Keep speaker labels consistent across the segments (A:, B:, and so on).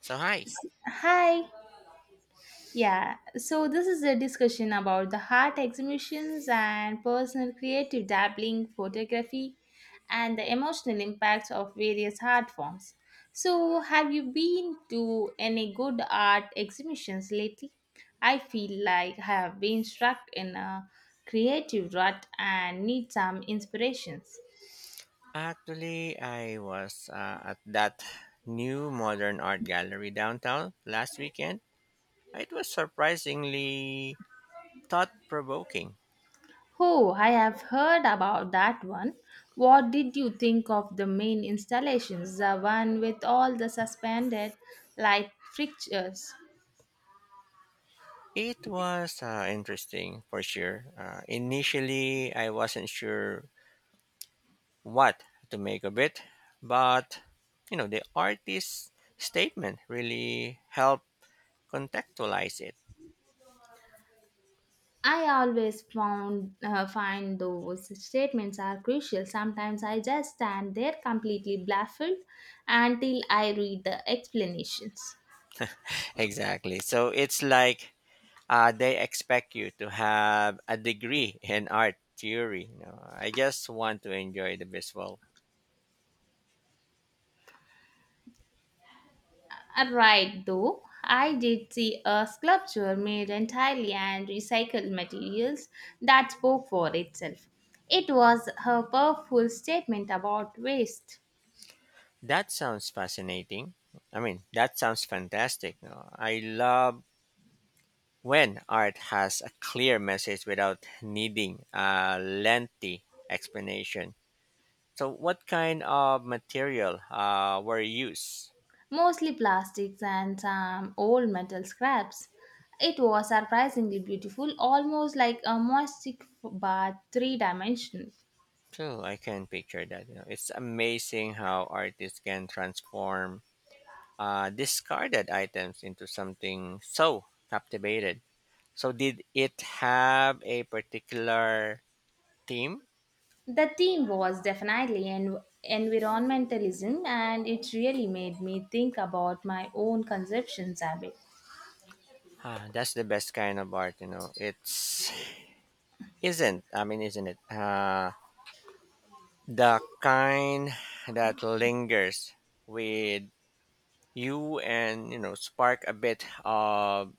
A: So hi.
B: Hi. Yeah, so this is a discussion about the art exhibitions and personal creative dabbling, photography, and the emotional impacts of various art forms. So, have you been to any good art exhibitions lately? I feel like I have been stuck in a creative rut and need some inspirations.
A: Actually, I was at that new modern art gallery downtown last weekend. It was surprisingly thought-provoking.
B: Oh, I have heard about that one. What did you think of the main installations, the one with all the suspended light fixtures?
A: It was interesting for sure. Initially, I wasn't sure what to make of it, but the artist's statement really helped contextualize it.
B: I always found find those statements are crucial. Sometimes I just stand there completely baffled until I read the explanations.
A: Exactly. So it's like they expect you to have a degree in art theory. I just want to enjoy the visual.
B: Right, though, I did see a sculpture made entirely and recycled materials that spoke for itself. It was a powerful statement about waste,
A: That sounds fascinating. I mean, that sounds fantastic. No, I love when art has a clear message without needing a lengthy explanation. So, what kind of material were used?
B: mostly plastics and some old metal scraps. It was surprisingly beautiful, almost like a moistic but three dimensional.
A: True, I can picture that. It's amazing how artists can transform discarded items into something so captivated. So, did it have a particular theme?
B: The theme was definitely environmentalism, and it really made me think about my own conceptions a bit.
A: Ah, that's the best kind of art. It's Isn't. I mean, isn't it? The kind that lingers with you and spark a bit of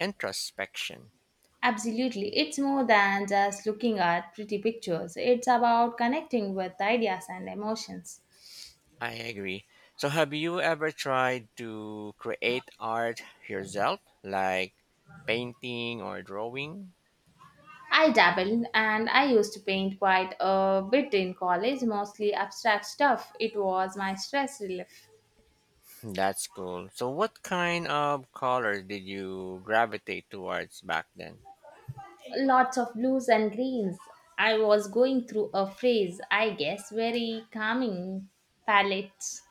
A: introspection.
B: Absolutely. It's more than just looking at pretty pictures, it's about connecting with ideas and emotions.
A: I agree. So, have you ever tried to create art yourself, like painting or drawing?
B: I dabble and I used to paint quite a bit in college, mostly abstract stuff. It was my stress relief.
A: That's cool. So, what kind of colors did you gravitate towards back then?
B: Lots of blues and greens. I was going through a phase, I guess, very calming palette.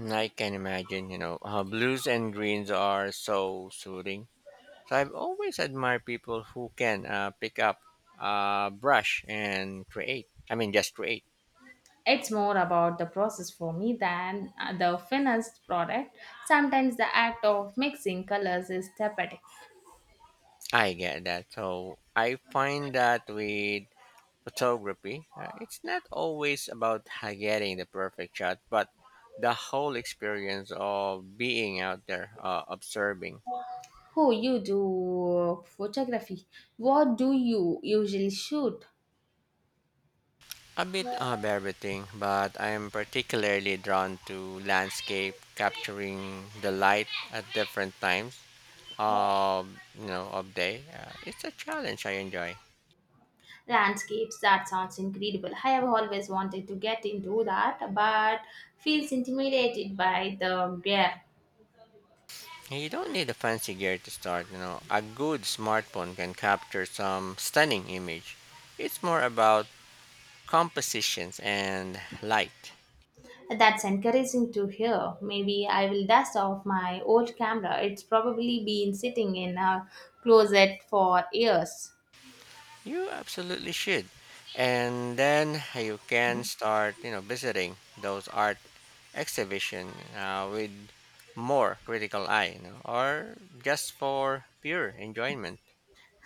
A: I can imagine, blues and greens are so soothing. So, I've always admired people who can pick up a brush and create. I mean, just create.
B: It's more about the process for me than the finished product. Sometimes the act of mixing colors is therapeutic.
A: I get that. So, I find that with photography, it's not always about getting the perfect shot, but the whole experience of being out there observing.
B: Who you do photography? What do you usually shoot?
A: A bit of everything, but I am particularly drawn to landscape, capturing the light at different times of you know of day. It's a challenge I enjoy.
B: Landscapes, that sounds incredible. I have always wanted to get into that, but feels intimidated by the glare.
A: You don't need a fancy gear to start. A good smartphone can capture some stunning image. It's more about compositions and light.
B: That's encouraging to hear. Maybe I will dust off my old camera. It's probably been sitting in a closet for years.
A: You absolutely should. And then you can start, visiting those art exhibition with more critical eye, or just for pure enjoyment.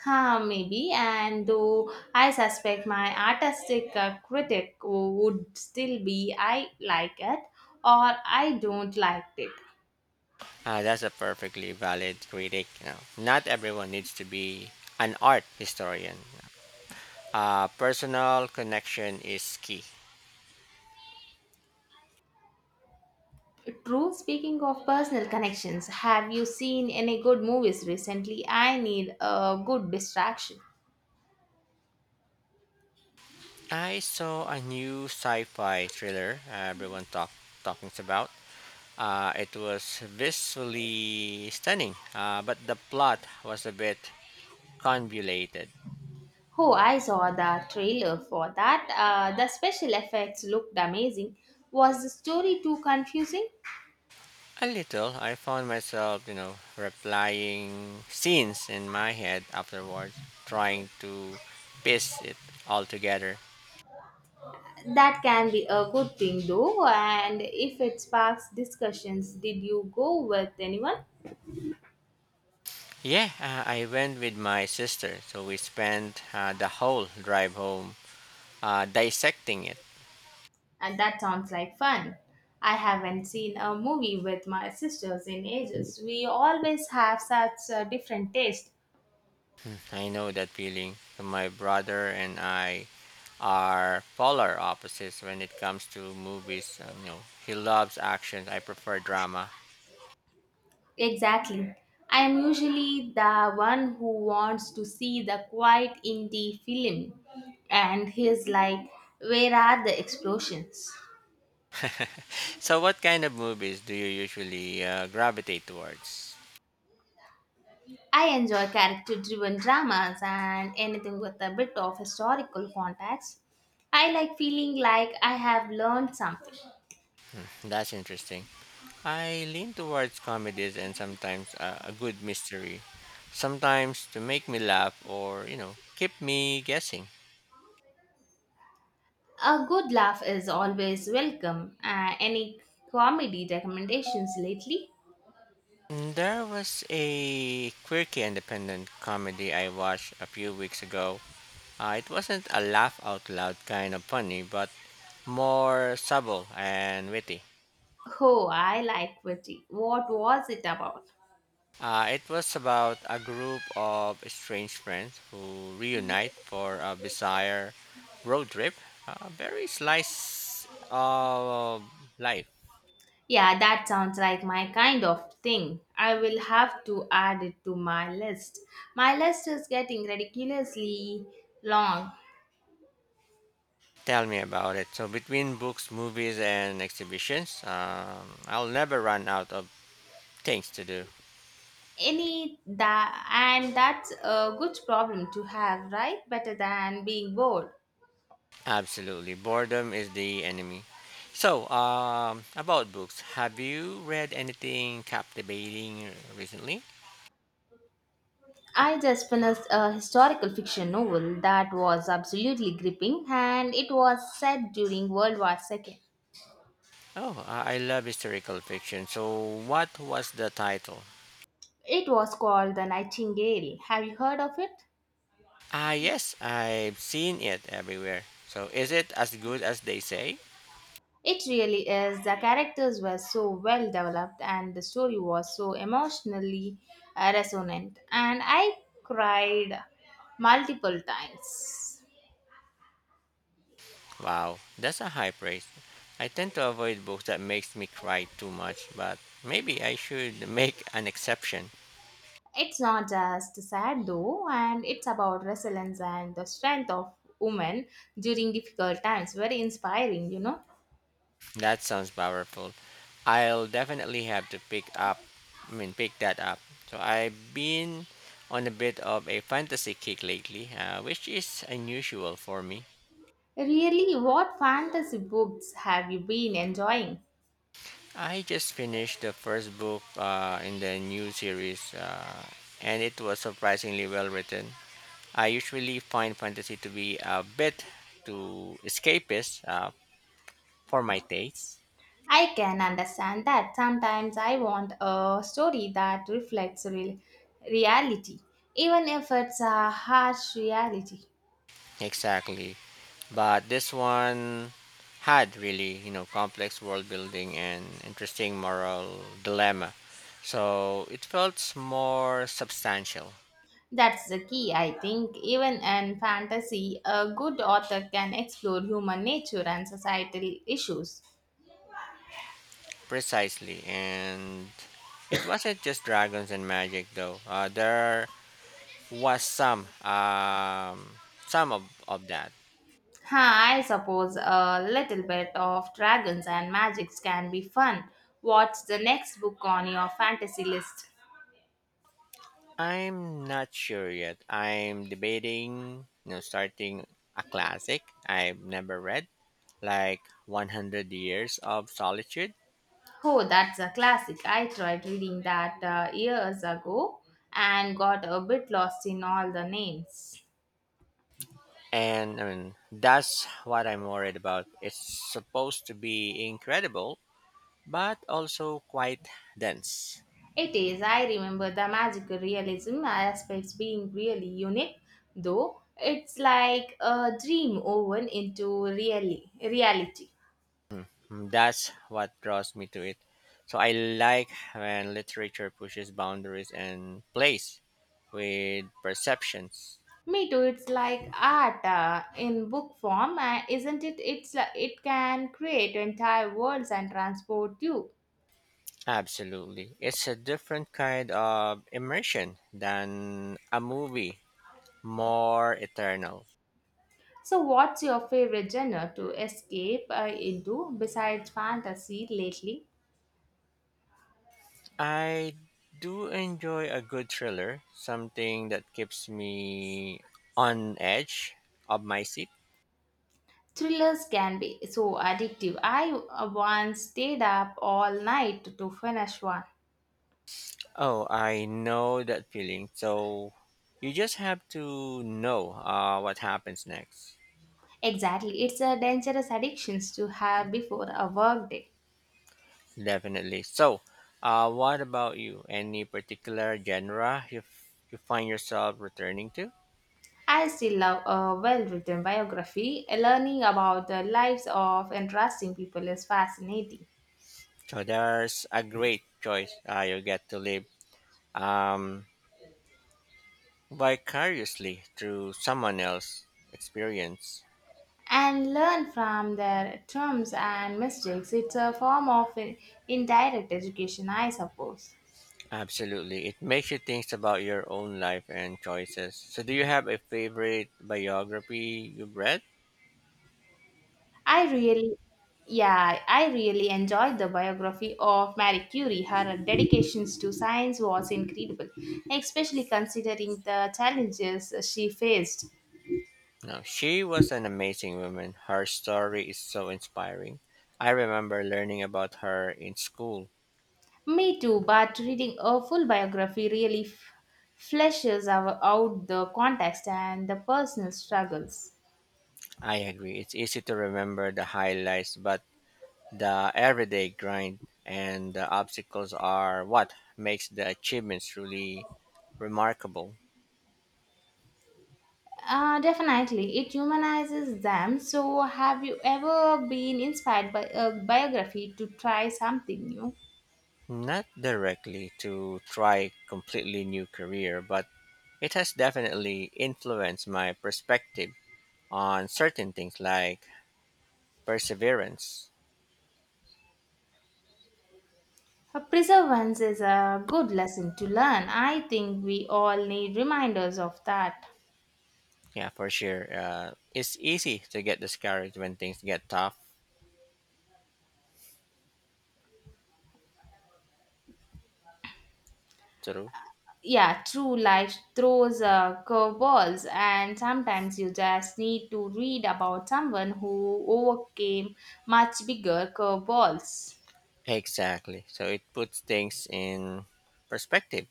B: Huh, maybe, and though I suspect my artistic would still be I like it or I don't like it.
A: That's a perfectly valid critic. Not everyone needs to be an art historian. Personal connection is key.
B: True, speaking of personal connections, have you seen any good movies recently? I need a good distraction.
A: I saw a new sci-fi thriller everyone talking about. It was visually stunning, but the plot was a bit convoluted.
B: Oh, I saw the trailer for that. The special effects looked amazing. Was the story too confusing?
A: A little, I found myself, replying scenes in my head afterwards, trying to piece it all together.
B: That can be a good thing though, and if it sparks discussions, did you go with anyone?
A: Yeah, I went with my sister, so we spent the whole drive home dissecting it.
B: And that sounds like fun. I haven't seen a movie with my sisters in ages. We always have such a different taste.
A: I know that feeling. So my brother and I are polar opposites when it comes to movies. He loves action. I prefer drama.
B: Exactly. I am usually the one who wants to see the quiet indie film, and he's like, where are the explosions?
A: So, what kind of movies do you usually gravitate towards?
B: I enjoy character driven dramas and anything with a bit of historical context. I like feeling like I have learned something.
A: That's interesting. I lean towards comedies and sometimes a good mystery. Sometimes to make me laugh or keep me guessing.
B: A good laugh is always welcome. Any comedy recommendations lately?
A: There was a quirky independent comedy I watched a few weeks ago. It wasn't a laugh out loud kind of funny, but more subtle and witty.
B: Oh, I like witty. What was it about?
A: It was about a group of strange friends who reunite for a bizarre road trip, a very slice of life.
B: Yeah, that sounds like my kind of thing. I will have to add it to my list. My list is getting ridiculously long.
A: Tell me about it. So, between books, movies, and exhibitions, I'll never run out of things to do.
B: Any that and that's a good problem to have, right? Better than being bored.
A: Absolutely. Boredom is the enemy. So, about books, have you read anything captivating recently?
B: I just finished a historical fiction novel that was absolutely gripping, and it was set during World War II.
A: Oh, I love historical fiction. So, what was the title?
B: It was called The Nightingale. Have you heard of it?
A: Ah, yes, I've seen it everywhere. So, is it as good as they say?
B: It really is. The characters were so well developed and the story was so emotionally resonant, and I cried multiple times.
A: Wow, that's a high praise. I tend to avoid books that makes me cry too much, but maybe I should make an exception.
B: It's not just sad though, and it's about resilience and the strength of women during difficult times. Very inspiring, you know.
A: That sounds powerful. I'll definitely have to I mean, pick that up. So, I've been on a bit of a fantasy kick lately, which is unusual for me.
B: Really, what fantasy books have you been enjoying?
A: I just finished the first book in the new series, and it was surprisingly well written. I usually find fantasy to be a bit too escapist for my taste.
B: I can understand that. Sometimes I want a story that reflects real reality, even if it's a harsh reality.
A: Exactly, but this one had really complex world building and interesting moral dilemma, so it felt more substantial.
B: That's the key, I think. Even in fantasy, a good author can explore human nature and societal issues.
A: Precisely, and it wasn't just dragons and magic though. There was some of that.
B: Huh, I suppose a little bit of dragons and magics can be fun. What's the next book on your fantasy list?
A: I'm not sure yet. I'm debating, starting a classic I've never read, like 100 Years of Solitude.
B: Oh, that's a classic. I tried reading that years ago and got a bit lost in all the names.
A: And I mean that's what I'm worried about. It's supposed to be incredible but also quite dense.
B: It is. I remember the magical realism aspects being really unique, though. It's like a dream woven into really reality.
A: That's what draws me to it. So I like when literature pushes boundaries and plays with perceptions.
B: Me too. It's like art in book form, isn't it? It can create entire worlds and transport you.
A: Absolutely. It's a different kind of immersion than a movie, more eternal.
B: So, what's your favorite genre to escape into besides fantasy lately?
A: I do enjoy a good thriller, something that keeps me on edge of my seat.
B: Thrillers can be so addictive. I once stayed up all night to finish one.
A: Oh, I know that feeling. So you just have to know what happens next.
B: Exactly, it's a dangerous addictions to have before a work day.
A: Definitely. So, what about you? Any particular genre you find yourself returning to?
B: I still love a well written biography. Learning about the lives of interesting people is fascinating.
A: So there's a great choice. You get to live um, vicariously through someone else's experience.
B: And learn from their terms and mistakes. It's a form of indirect education, I suppose.
A: Absolutely. It makes you think about your own life and choices. So do you have a favorite biography you've read?
B: I really, yeah, I really enjoyed the biography of Marie Curie. Her dedications to science was incredible, especially considering the challenges she faced.
A: No, she was an amazing woman. Her story is so inspiring. I remember learning about her in school.
B: Me too, but reading a full biography really fleshes our, out the context and the personal struggles.
A: I agree. It's easy to remember the highlights, but the everyday grind and the obstacles are what makes the achievements really remarkable.
B: Definitely, it humanizes them. So, have you ever been inspired by a biography to try something new?
A: Not directly to try completely new career, but it has definitely influenced my perspective on certain things like perseverance.
B: Perseverance is a good lesson to learn. I think we all need reminders of that.
A: Yeah, for sure. It's easy to get discouraged when things get tough. True.
B: Yeah, true. Life throws curveballs, and sometimes you just need to read about someone who overcame much bigger curveballs.
A: Exactly. So it puts things in perspective.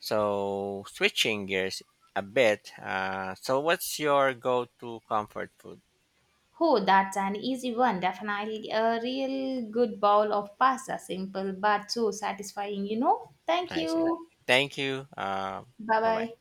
A: So switching gears a bit. So what's your go-to comfort food?
B: Oh, that's an easy one. Definitely a real good bowl of pasta, simple but so satisfying, you know. Thank
A: I see.
B: you.
A: Thank you.
B: Bye
A: Bye
B: bye.
A: bye.